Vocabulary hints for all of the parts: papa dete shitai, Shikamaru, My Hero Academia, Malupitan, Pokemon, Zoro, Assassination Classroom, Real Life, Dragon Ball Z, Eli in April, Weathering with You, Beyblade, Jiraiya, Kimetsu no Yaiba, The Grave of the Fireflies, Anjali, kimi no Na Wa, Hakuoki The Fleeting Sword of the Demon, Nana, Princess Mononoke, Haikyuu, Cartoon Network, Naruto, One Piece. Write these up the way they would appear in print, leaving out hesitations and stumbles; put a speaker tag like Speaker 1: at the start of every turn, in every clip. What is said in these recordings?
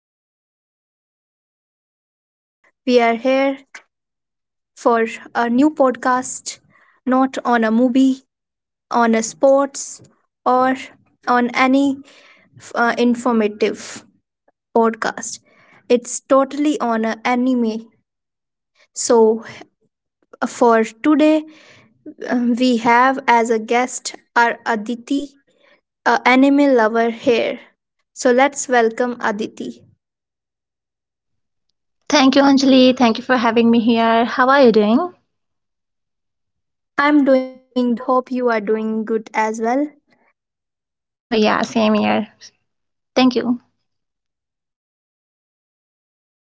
Speaker 1: your host. We are here for a new podcast, not on a movie, on a sports, or on any informative podcast. It's totally on a anime. So for today, we have as a guest our Aditi, a anime lover here. So let's welcome Aditi.
Speaker 2: Thank you, Anjali. Thank you for having me here. How are you doing?
Speaker 1: I'm doing good. Hope you are doing good as well.
Speaker 2: Oh, yeah, same here. Thank you.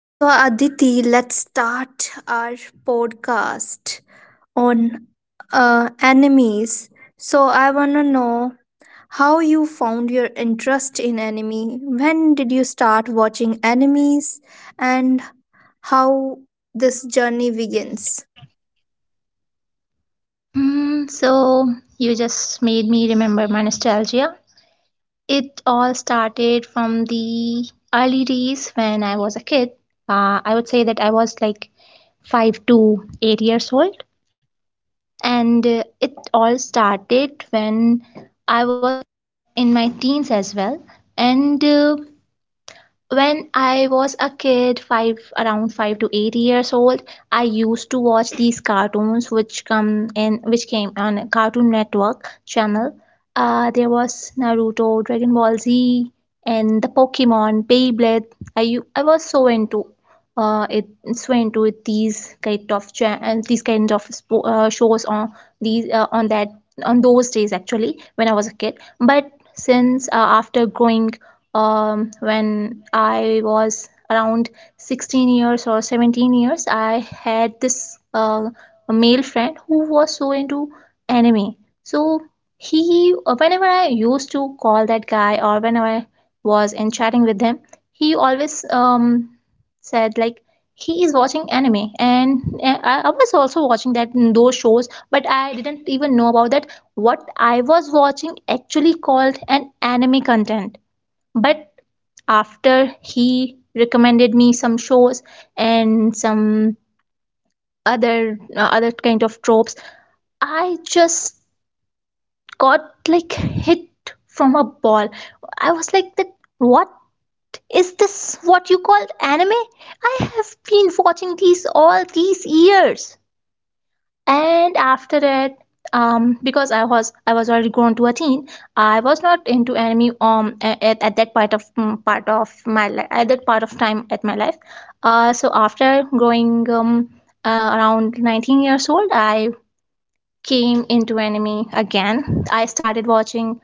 Speaker 1: So, Aditi, let's start our podcast on enemies. So, I want to know how you found your interest in anime. When did you start watching enemies and how this journey begins?
Speaker 2: So, you just made me remember my nostalgia. It all started from the early days when I was a kid. I would say that I was like 5 to 8 years old. And it all started when I was in my teens as well. And when I was a kid, 5 to 8 years old, I used to watch these cartoons which come in which came on Cartoon Network channel. There was Naruto, Dragon Ball Z, and the Pokemon, Beyblade. I was so into it so into it, these kind of cha- and these kind of shows on these on that on those days actually when I was a kid. But since after growing when I was around 16 years or 17 years, I had this a male friend who was so into anime. So he, whenever I used to call that guy or whenever I was in chatting with him, he always said like he is watching anime and uh, I was also watching that those shows, but I didn't even know about that what I was watching actually called an anime content. But after he recommended me some shows and some other kind of tropes, I just got like hit from a ball. I was like that, what is this? What you call anime? I have been watching these all these years. And after that, because i was already grown to a teen, I was not into anime. At that part of part of my life, at that part of time at my life, so after growing around 19 years old, I came into anime again. I started watching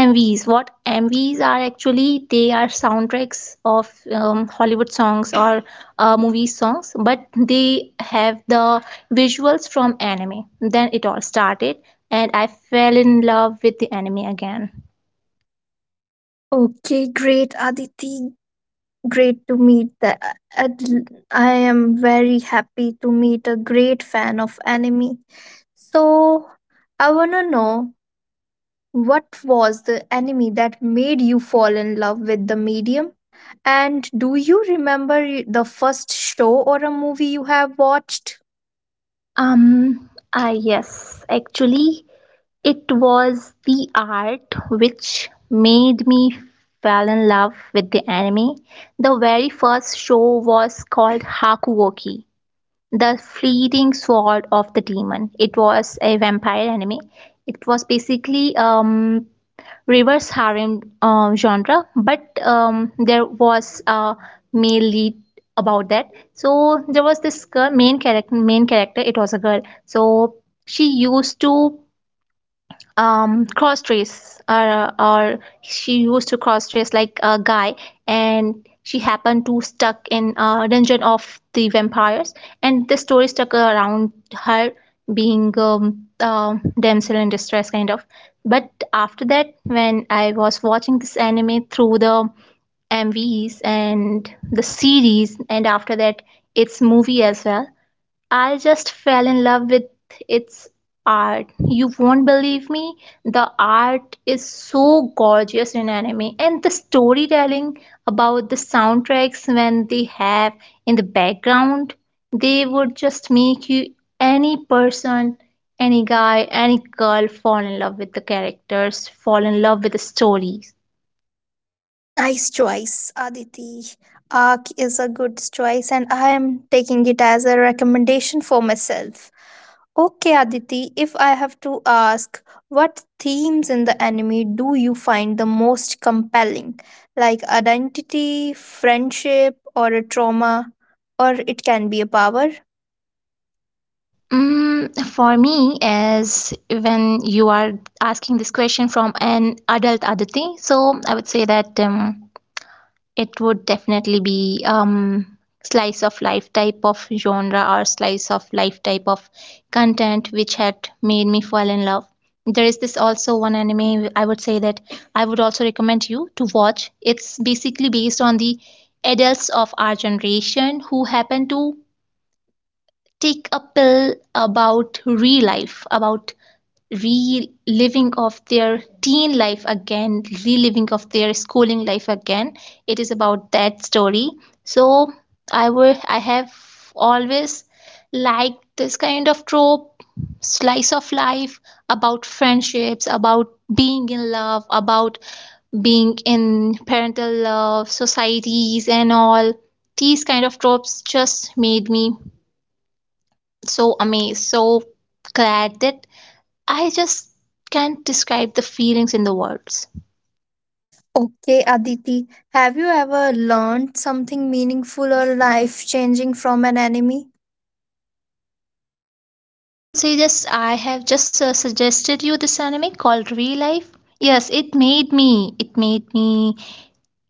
Speaker 2: MVs. What MVs are actually, they are soundtracks of Hollywood songs or movie songs, but they have the visuals from anime. Then it all started, and I fell in love with the anime again.
Speaker 1: Okay, great, Aditi. Great to meet that. I am very happy to meet a great fan of anime. So, I want to know what was the anime that made you fall in love with the medium? And do you remember the first show or a movie you have watched?
Speaker 2: Yes, actually, it was the art which made me fell in love with the anime. The very first show was called Hakuoki, The Fleeting Sword of the Demon. It was a vampire anime. It was basically reverse harem genre, but there was a male lead about that. So there was this girl, main character. It was a girl. So she used to cross dress or she used to cross dress like a guy, and she happened to stuck in a dungeon of the vampires, and the story stuck around her being damsel in distress kind of. But after that, when I was watching this anime through the MVs and the series, and after that, its movie as well, I just fell in love with its art. You won't believe me. The art is so gorgeous in anime, and the storytelling about the soundtracks when they have in the background, they would just make you, any person, any guy, any girl fall in love with the characters, fall in love with the stories.
Speaker 1: Nice choice, Aditi. Arc is a good choice, and I am taking it as a recommendation for myself. Okay, Aditi, if I have to ask, what themes in the anime do you find the most compelling? Like identity, friendship, or a trauma, or it can be a power?
Speaker 2: For me, as when you are asking this question from an adult Aditi, so I would say that it would definitely be slice of life type of genre or slice of life type of content which had made me fall in love. There is this also one anime I would say that I would also recommend you to watch. It's basically based on the adults of our generation who happen to take a pill about re-life, about reliving of their teen life again, reliving of their schooling life again. It is about that story. So I have always liked this kind of trope, slice of life, about friendships, about being in love, about being in parental love, societies and all. These kind of tropes just made me so amazed, so glad that I just can't describe the feelings in the words. I
Speaker 1: Okay, Aditi, have you ever learned something meaningful or life changing from an anime?
Speaker 2: would say, just I have just suggested you this anime called Real Life. Yes, it made me. It made me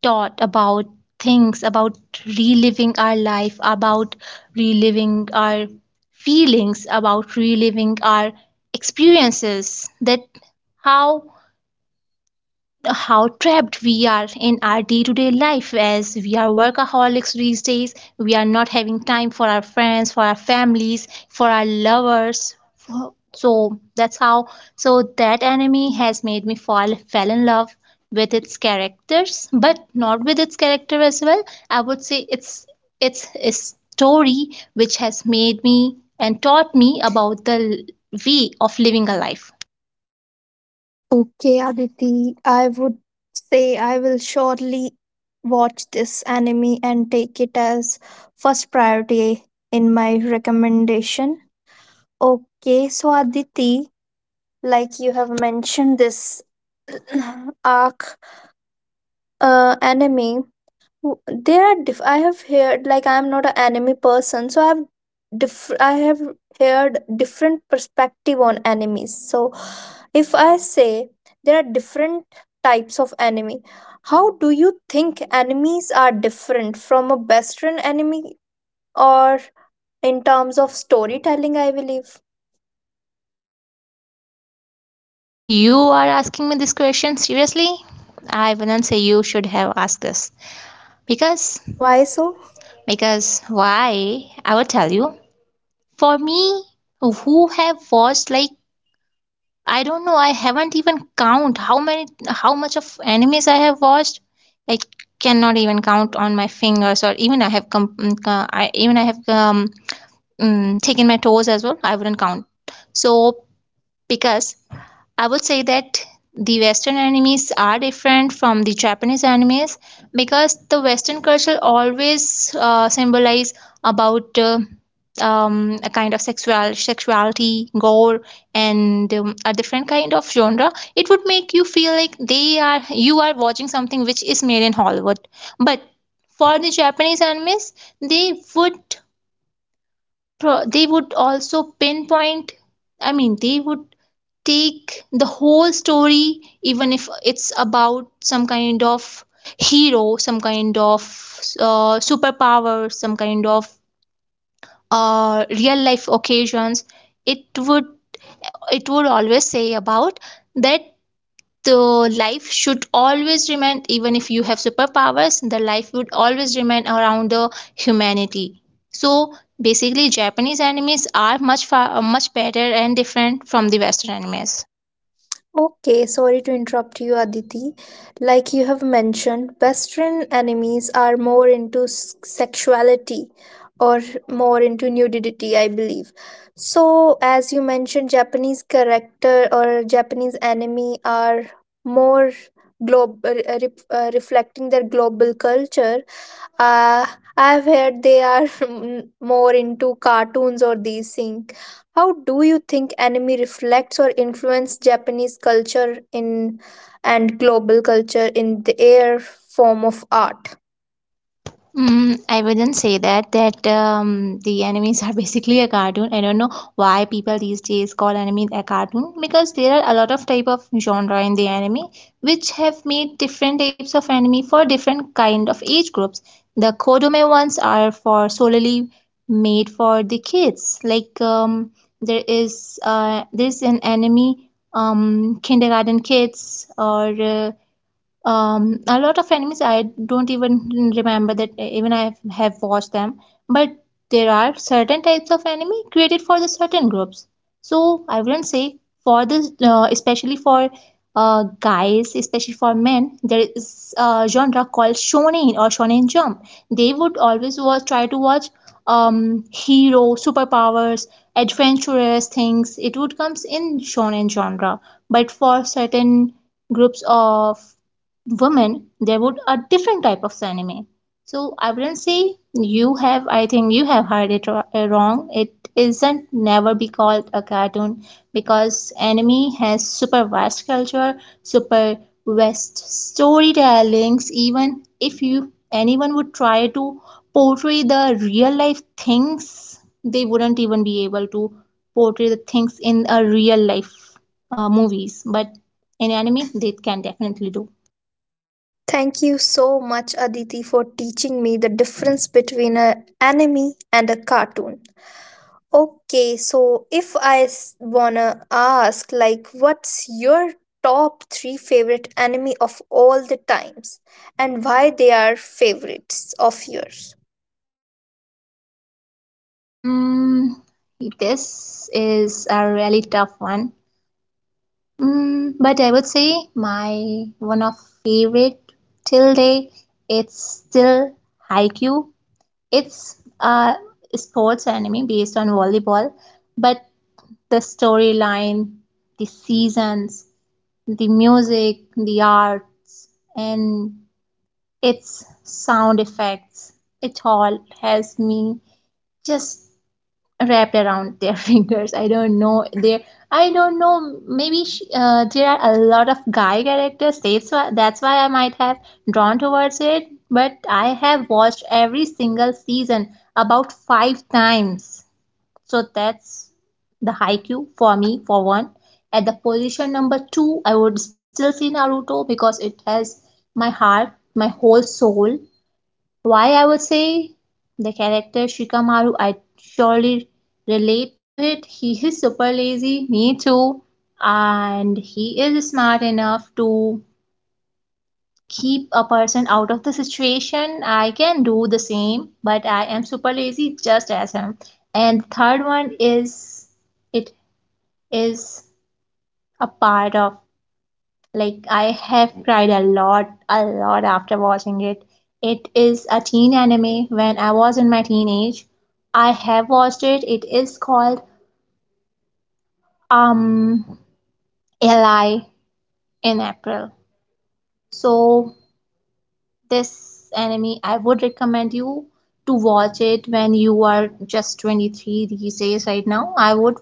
Speaker 2: thought about things, about reliving our life, about reliving our feelings, about reliving our experiences. That how trapped we are in our day-to-day life, as we are workaholics these days, we are not having time for our friends, for our families, for our lovers, for- so that's how, so that anime has made me fall fell in love with its characters, but not with its character as well. I would say it's a story which has made me and taught me about the way of living a life.
Speaker 1: Okay, Aditi, I would say I will surely watch this anime and take it as first priority in my recommendation. Okay, so Aditi, like you have mentioned this arc anime, there are I have heard like I am not an anime person, so I have heard different perspective on animes. So if I say there are different types of enemy, how do you think enemies are different from a Western enemy or in terms of storytelling? I believe.
Speaker 2: You are asking me this question seriously? I wouldn't say you should have asked this. Because,
Speaker 1: Why so?
Speaker 2: because why? I will tell you. For me, who have watched like, I don't know, I haven't even count how many, how much of animes I have watched. I cannot even count on my fingers, or even I have I have taken my toes as well. I wouldn't count. So because I would say that the Western animes are different from the Japanese animes, because the Western culture always symbolize about a kind of sexuality, gore, and a different kind of genre. It would make you feel like they are you are watching something which is made in Hollywood. But for the Japanese animes, they would they would also pinpoint. I mean, they would take the whole story, even if it's about some kind of hero, some kind of superpower, some kind of real life occasions. It would it would always say about that the life should always remain, even if you have superpowers, the life would always remain around the humanity. So basically, Japanese animes are much far much better and different from the Western animes.
Speaker 1: Okay, sorry to interrupt you, Aditi. Like you have mentioned, Western enemies are more into sexuality or more into nudity, I believe. So, as you mentioned, Japanese character or Japanese enemy are more global, reflecting their global culture uh, I've heard they are more into cartoons or these things. How do you think anime reflects or influences Japanese culture in and global culture in their form of art?
Speaker 2: I wouldn't say that the enemies are basically a cartoon. I don't know why people these days call anime a cartoon, because there are a lot of type of genre in the anime which have made different types of anime for different kind of age groups. The Kodome ones are for solely made for the kids. Like there is there's an anime, kindergarten kids, or a lot of animes I don't even remember that even i have watched them. But there are certain types of anime created for the certain groups, so I wouldn't say. For this, especially for guys, especially for men, there is a genre called shonen or shonen jump. They would always try to watch hero, superpowers, adventurous things. It would comes in shonen genre. But for certain groups of women, there would a different type of anime. So I wouldn't say you have. I think you have heard it wrong. It isn't never be called a cartoon, because anime has super vast culture, super vast storytellings. Even if you anyone would try to portray the real life things, they wouldn't even be able to portray the things in a real life movies. But in anime, they can definitely do.
Speaker 1: Thank you so much, Aditi, for teaching me the difference between an anime and a cartoon. Okay, so if wanna ask, like, what's your top three favorite anime of all the times and why they are favorites of yours?
Speaker 2: Mm, this is a really tough one. But I would say my one of favorite till day, it's still Haikyuu. It's a sports anime based on volleyball, but the storyline, the seasons, the music, the arts, and its sound effects, it all has me just wrapped around their fingers. I don't know. There, I don't know. Maybe she, there are a lot of guy characters. That's why I might have drawn towards it. But I have watched every single season about five times. So that's the Haikyuu for me, for one. At the position number two, I would still see Naruto because it has my heart, my whole soul. Why, I would say the character Shikamaru, I surely relate to it. He is super lazy, me too, and he is smart enough to keep a person out of the situation. I can do the same, but I am super lazy just as him. And the third one is, it is a part of. Like I have cried a lot after watching it. It is a teen anime. When I was in my teenage, I have watched it. It is called um Eli in April. So this anime I would recommend you to watch it when you are just 23. These days, right now, I would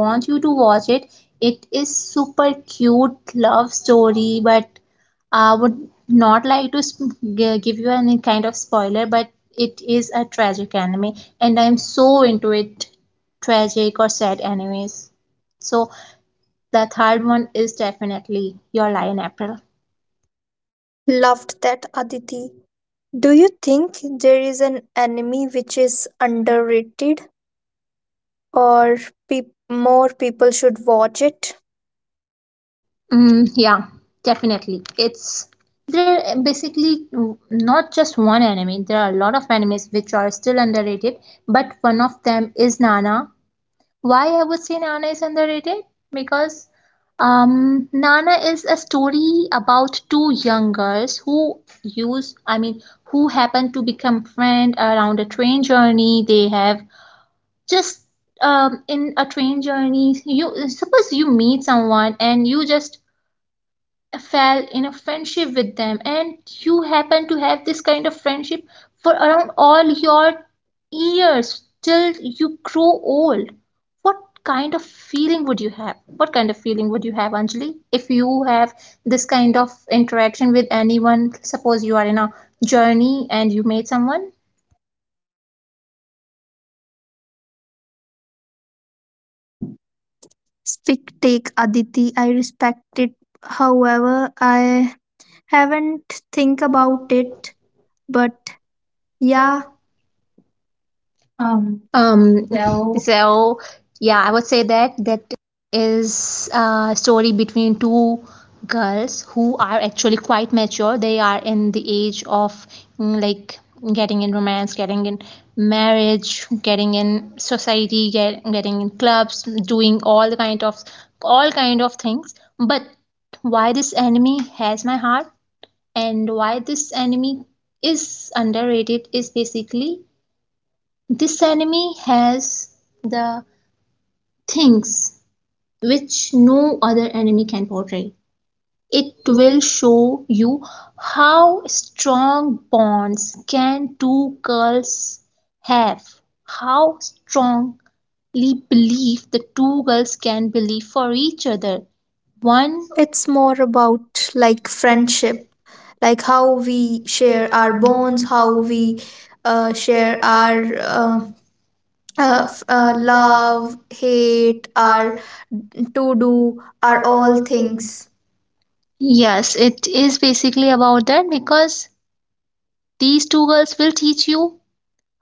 Speaker 2: want you to watch it. It is super cute love story, but I would not like to give you any kind of spoiler, but it is a tragic anime, and I'm so into it, tragic or sad animes. So the third one is definitely Your Lie in April.
Speaker 1: Loved that, Aditi. Do you think there is an anime which is underrated or peop more people should watch it?
Speaker 2: Mm, yeah, definitely. It's There are basically not just one anime. There are a lot of animes which are still underrated, but one of them is Nana. Why I would say Nana is underrated? Because Nana is a story about two young girls I mean, who happen to become friend around a train journey. They have just In a train journey, you suppose you meet someone and you just fell in a friendship with them, and you happen to have this kind of friendship for around all your years till you grow old. What kind of feeling would you have what kind of feeling would you have, Anjali, if you have this kind of interaction with anyone? Suppose you are in a journey and you meet someone.
Speaker 1: Speak take, Aditi. I respect it. However, I haven't think
Speaker 2: Think
Speaker 1: about
Speaker 2: about it.
Speaker 1: it, but
Speaker 2: Yeah.
Speaker 1: yeah.
Speaker 2: um so yeah, I would say that is a story between two girls who are actually quite mature. They are in the age of like, getting in romance, getting in marriage, getting in society, getting in clubs, doing all the kind of all kind of things. But why this enemy has my heart and why this enemy is underrated is basically this enemy has the things which no other anime can portray.
Speaker 1: It
Speaker 2: It will show you how strong bonds can two girls have, how strongly believe the two girls can believe for each other. One,
Speaker 1: so it's more about like friendship, like how we share our bonds, how we share our love, hate, our to do, our all things.
Speaker 2: yes, it is basically about that, because these two girls will teach you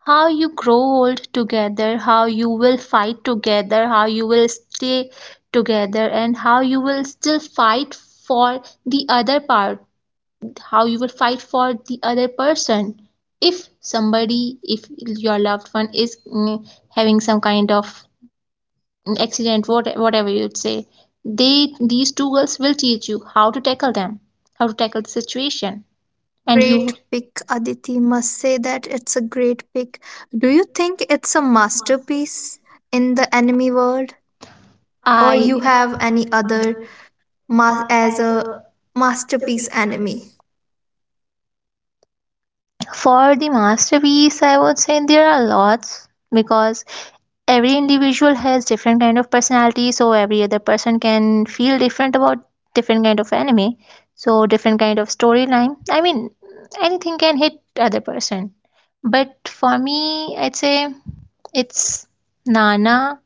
Speaker 2: how you grow old together, how you will fight together, how you will stay together, and how you will still fight for the other part, how you will fight for the other person. If somebody, if your loved one is having some kind of accident, whatever you'd say, they these two girls will teach you how to tackle them, how to tackle the situation, and
Speaker 1: Great
Speaker 2: you.
Speaker 1: pick, Aditi. Must say that it's a great pick. Do you think it's a masterpiece in the anime world,
Speaker 2: Or
Speaker 1: or you have
Speaker 2: I,
Speaker 1: any other as a masterpiece anime?
Speaker 2: for the masterpiece, I would say there are lots, because every individual has different kind of personality, so every other person can feel different about different kind of anime, so different kind of storyline. I mean, anything can hit other person. But for me, I'd say it's Nana.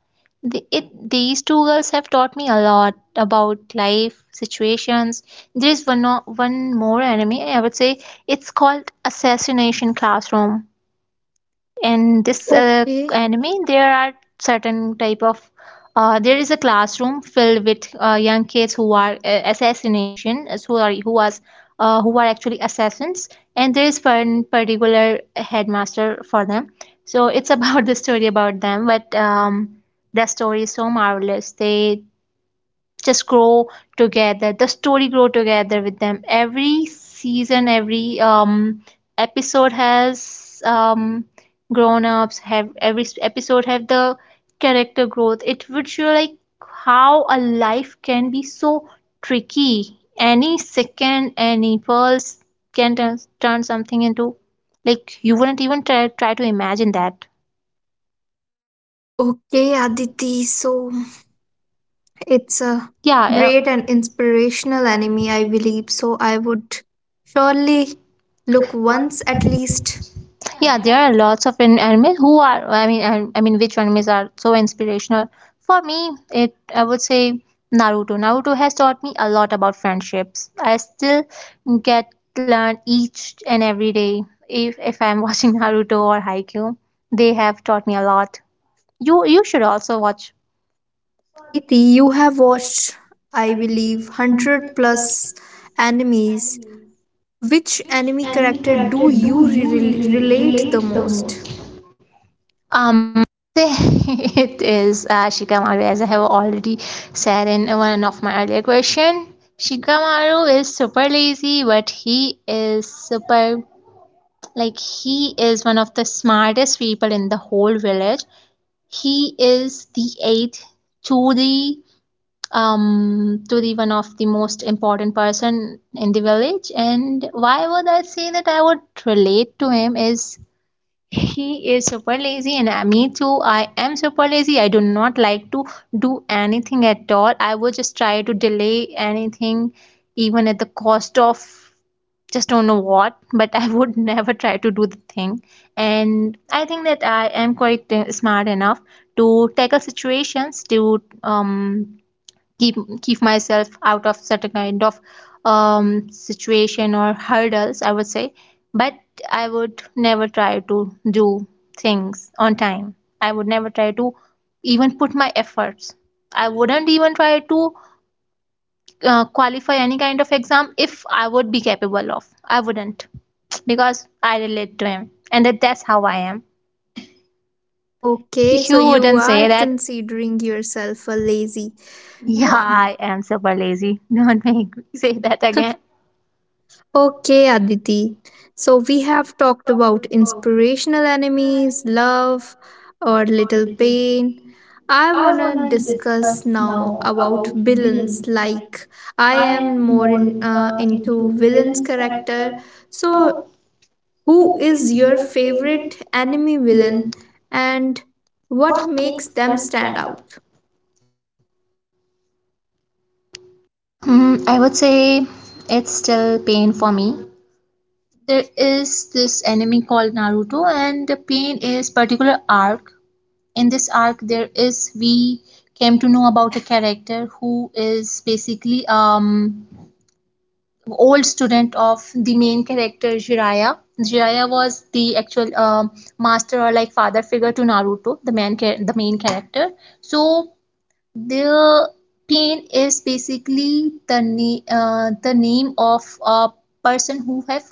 Speaker 2: The, it, these two girls have taught me a lot about life situations. There is one more anime, I would say it's called Assassination Classroom. In this
Speaker 1: Okay.
Speaker 2: anime, there are certain type of there is a classroom filled with young kids who are assassination as who are who was who are actually assassins, and there is one particular headmaster for them. So it's about the story about them, but the story is so marvelous. They just grow together. The story grow together with them. Every season, every episode has grown ups have every s- episode have the character growth. It would show, like, how a life can be so tricky. Any second, any pulse can turn something into, like, you wouldn't even try to imagine that.
Speaker 1: Okay, Aditi. So it's a
Speaker 2: yeah
Speaker 1: great and
Speaker 2: uh,
Speaker 1: inspirational anime, I believe. So I would surely look once at least.
Speaker 2: Yeah, there are lots of animals who are, I mean, I mean which animals are so inspirational. For me, it, I would say Naruto. Naruto has taught me a lot about friendships. I still get learn each and every day if I'm watching Naruto or Haikyuu. They have taught me a lot. You should also watch.
Speaker 1: So, Aditi, you have watched, I believe, 100 plus animes. Which anime character do you relate the most?
Speaker 2: Uh, It is Shikamaru, as I have already said in one of my earlier question. Shikamaru is super lazy, but he is super, like, he is one of the smartest people in the whole village. He is the eighth to the to the one of the most important person in the village. And why would I say that I would relate to him is he is super lazy, and me too. I am super lazy. I do not like to do anything at all. I would just try to delay anything, even at the cost of just don't know what, but I would never try to do the thing. And I think that I am quite smart enough to tackle situations, to keep keep myself out of certain kind of um, situation or hurdles, I would say. But I would never try to do things on time. I would never try to even put my efforts. I wouldn't even try to qualify any kind of exam. If I would be capable of, I wouldn't, because I relate to him, and that's how I am.
Speaker 1: Okay, so
Speaker 2: You
Speaker 1: you
Speaker 2: wouldn't
Speaker 1: are
Speaker 2: say that.
Speaker 1: considering yourself a lazy.
Speaker 2: Yeah, I am super lazy. Don't make me say that again.
Speaker 1: Okay, Aditi. So we have talked about inspirational enemies, love, or little pain. I wanna discuss now about villains. Like I am more into villains character. So who is your favorite enemy villain, and what makes them stand out?
Speaker 2: Hmm, I would say it's still Pain for me. There is this enemy called Naruto, and the Pain is particular arc. In this arc, there is, we came to know about a character who is basically old student of the main character Jiraiya. Jiraiya was the actual master or, like, father figure to Naruto, the the main character. So the Pain is basically the name, the name of a person who have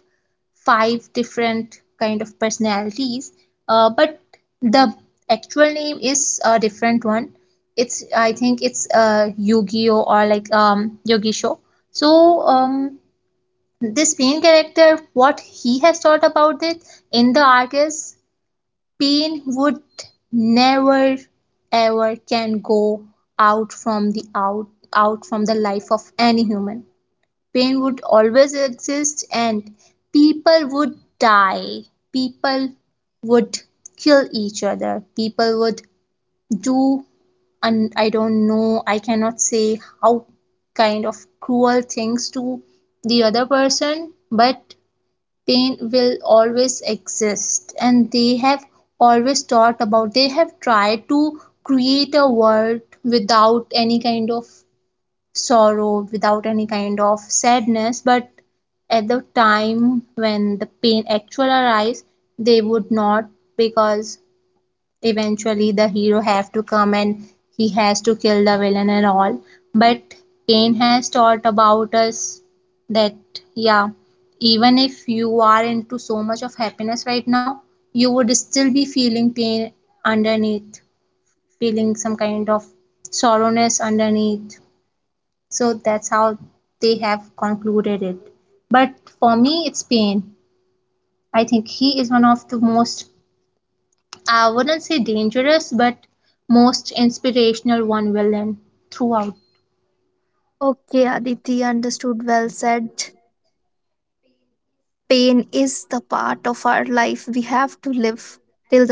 Speaker 2: five different kind of personalities, but the actual name is a different one. It's, I think it's Yu-Gi-Oh, or like Yogisho. So this main character, what he has thought about it in the arc is Pain would never ever can go out from the out out from the life of any human. Pain would always exist and people would die. People would kill each other. People would do, and I don't know, I cannot say how kind of cruel things to the other person, but pain will always exist, and they have always thought about, they have tried to create a world without any kind of sorrow, without any kind of sadness. But at the time when the pain actually arises, they would not, because eventually the hero have to come and he has to kill the villain and all. But Kane has taught about us that, yeah, even if you are into so much of happiness right now, you would still be feeling pain underneath, feeling some kind of sorrowness underneath. So that's how they have concluded it. But for me, it's Pain. I think he is one of the most, I wouldn't say dangerous, but most inspirational one villain throughout.
Speaker 1: Okay, Aditi, understood, well said. Pain is the part of our life we have to live till the end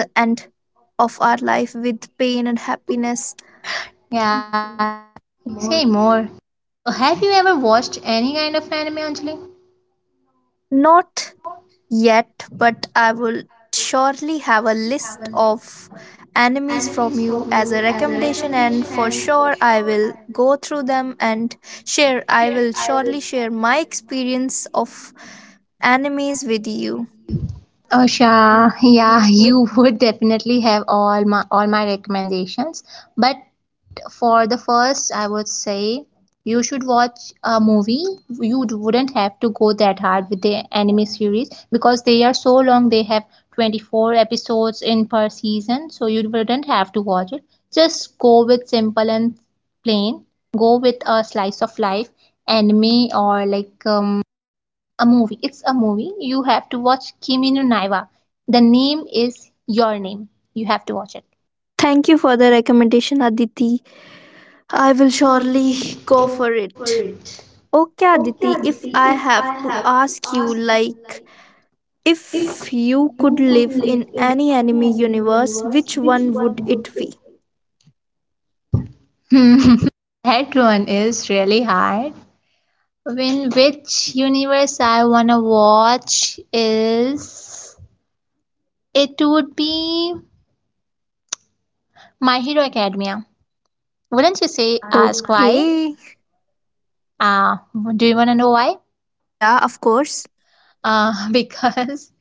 Speaker 1: of our life with pain and happiness.
Speaker 2: Yeah, say more. Have you ever watched any kind of anime, Anjali?
Speaker 1: Not yet, but I will surely have a list of enemies from you as a recommendation, and for sure I will go through them and share. I will surely share my experience of enemies with you.
Speaker 2: Oh, sure. Yeah, you would definitely have all my recommendations. But for the first, I would say you should watch a movie. You wouldn't have to go that hard with the anime series, because they are so long. They have 24 episodes in per season, so you wouldn't have to watch it. Just go with simple and plain. Go with a slice of life anime, or like a movie. It's a movie. You have to watch Kimi no Na Wa. The name is Your Name. You have to watch it.
Speaker 1: Thank you for the recommendation, Aditi. I will surely go for it. Okay, Aditi, if I have to ask you, like, if you could live in any enemy universe, which one would it be?
Speaker 2: That one is really hard. When, which universe I wanna watch is, it would be My Hero Academia. Wouldn't you say ask why?
Speaker 1: Okay.
Speaker 2: Uh, do you wanna know why?
Speaker 1: Yeah, of course.
Speaker 2: Because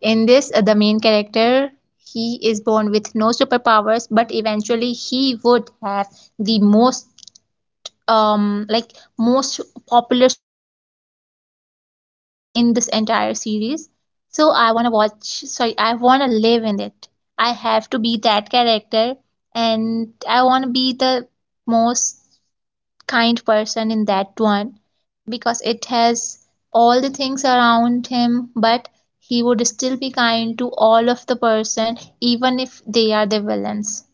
Speaker 2: in this the main character, he is born with no superpowers, but eventually he would have the most, like, most popular superpower in this entire series. So I wanna watch, sorry, I wanna live in it. I have to be that character, and I wanna be the most kind person in that one, because it has all the things around him, but he would still be kind to all of the person even if they are the villains.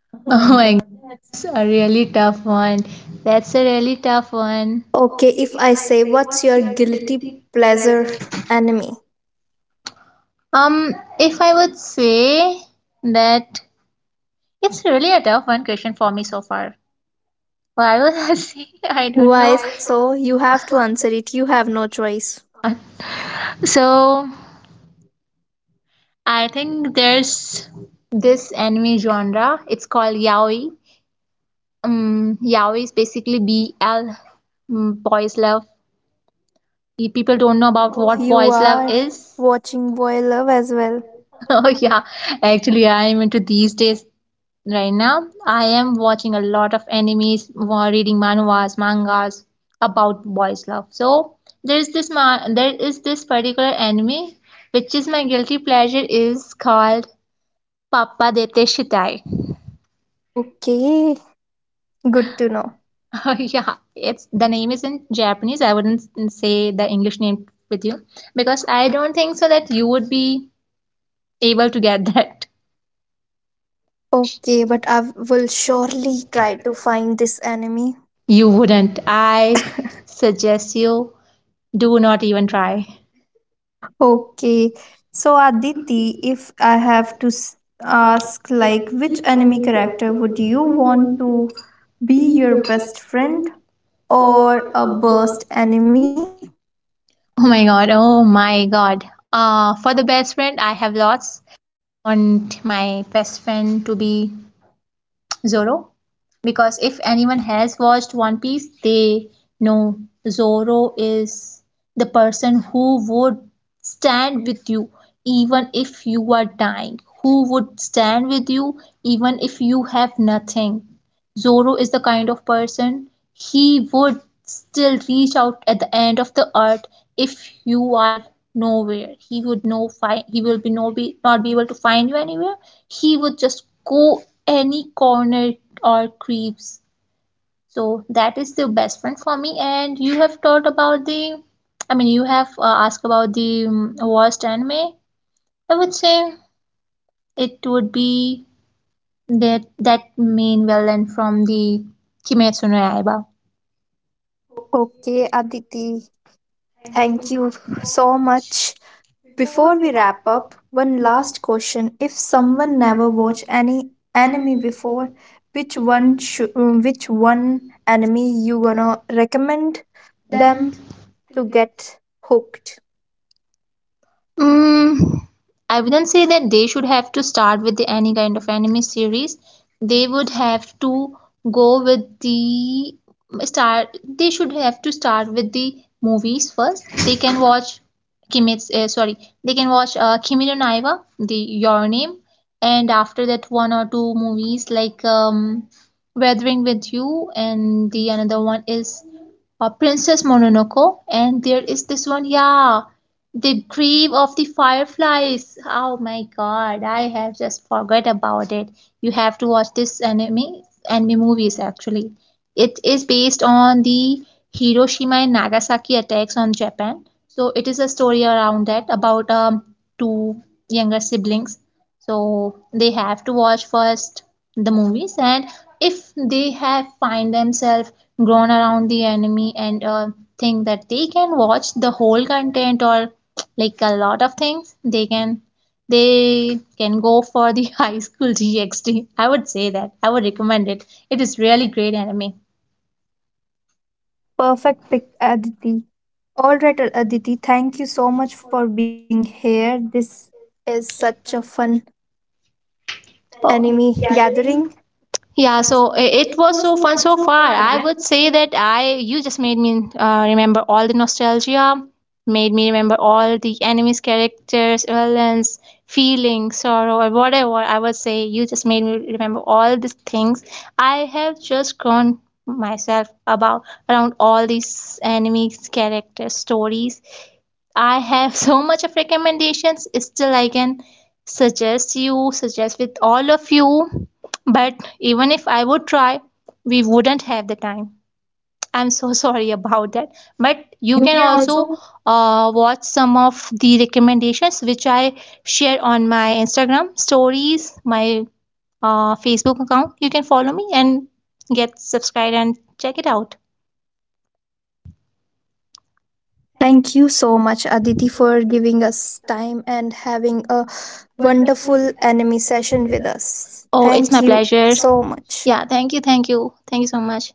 Speaker 2: Oh my, that's a really tough one. That's a really tough one.
Speaker 1: Okay, if I say, what's your guilty pleasure enemy?
Speaker 2: Um, if I would say that, it's really a tough one question for me so far. Why would I say, I don't
Speaker 1: Why
Speaker 2: know.
Speaker 1: so? You have to answer it. You have no
Speaker 2: Choice.
Speaker 1: choice.
Speaker 2: So I think there's this anime genre. It's called yaoi. Yaoi is basically BL, boys love. People don't know about
Speaker 1: Oh,
Speaker 2: what
Speaker 1: you
Speaker 2: boys love
Speaker 1: are
Speaker 2: is.
Speaker 1: watching Boy Love as well.
Speaker 2: Oh yeah, actually I'm into these days right now. I am watching a lot of animes, reading manhwas, mangas about boys love. So there is there is this particular anime which is my guilty pleasure, is called Papa Dete Shitai.
Speaker 1: Okay, good to know.
Speaker 2: Oh yeah, it's, the name is in Japanese. I wouldn't say the English name with you, because I don't think so that you would be able to get that.
Speaker 1: Okay, but I will surely try to find this enemy.
Speaker 2: You wouldn't, I suggest you do not even try.
Speaker 1: Okay. So Aditi, if I have to ask like which anime character would you want to be your best friend or a worst enemy?
Speaker 2: Oh my god, oh my god. For the best friend, I have lots. I want my best friend to be Zoro, because if anyone has watched One Piece, they know Zoro is the person who would stand with you even if you are dying, who would stand with you even if you have nothing. Zoro is the kind of person, he would still reach out at the end of the earth. If you are nowhere, he would no find, he will be no be not be able to find you anywhere. He would just go any corner or creeps. So that is the best friend for me. And you have taught about the, I mean, you have asked about the worst anime. I would say it would be that that main villain from the Kimetsu no Yaiba.
Speaker 1: Okay, Aditi. Thank you so much. Before we wrap up, one last question. If someone never watched any anime before, which one anime you gonna recommend them to get hooked?
Speaker 2: Mm, I wouldn't say that they should have to start with the, any kind of anime series. They would have to go with the start. They should have to start with the movies first. They can watch Kimetsu. Sorry, they can watch Kimi no Na Wa, the Your Name, and after that one or two movies, like Weathering with You, and the another one is Princess Mononoke, and there is this one, yeah. The Grave of the Fireflies. Oh my god, I have just forgot about it. You have to watch this anime movies actually. It is based on the Hiroshima and Nagasaki attacks on Japan. So it is a story around that, about two younger siblings. So they have to watch first the movies, and if they have find themselves grown around the enemy, and think that they can watch the whole content, or like a lot of things they can, they can go for the high school GXT, I would say. That I would recommend it. It is really great anime.
Speaker 1: Perfect pick, Aditi. All right, Aditi, thank you so much for being here. This is such a fun
Speaker 2: Oh.
Speaker 1: anime gathering.
Speaker 2: Yeah, so it was so fun so far. I would say that I, you just made me remember all the nostalgia, made me remember all the enemies, characters, villains, feelings, sorrow, or whatever. I would say you just made me remember all these things. I have just grown myself about around all these enemies, characters, stories. I have so much of recommendations. Still, I can suggest you, suggest with all of you. But even if I would try, we wouldn't have the time. I'm so sorry about that. But you can also watch some of the recommendations which I share on my Instagram stories, my Facebook account. You can follow me and get subscribed and check it out.
Speaker 1: Thank you so much, Aditi, for giving us time and having a wonderful anime session with us.
Speaker 2: Oh, it's
Speaker 1: Thank
Speaker 2: my
Speaker 1: you
Speaker 2: pleasure.
Speaker 1: so much.
Speaker 2: Yeah, thank you so much.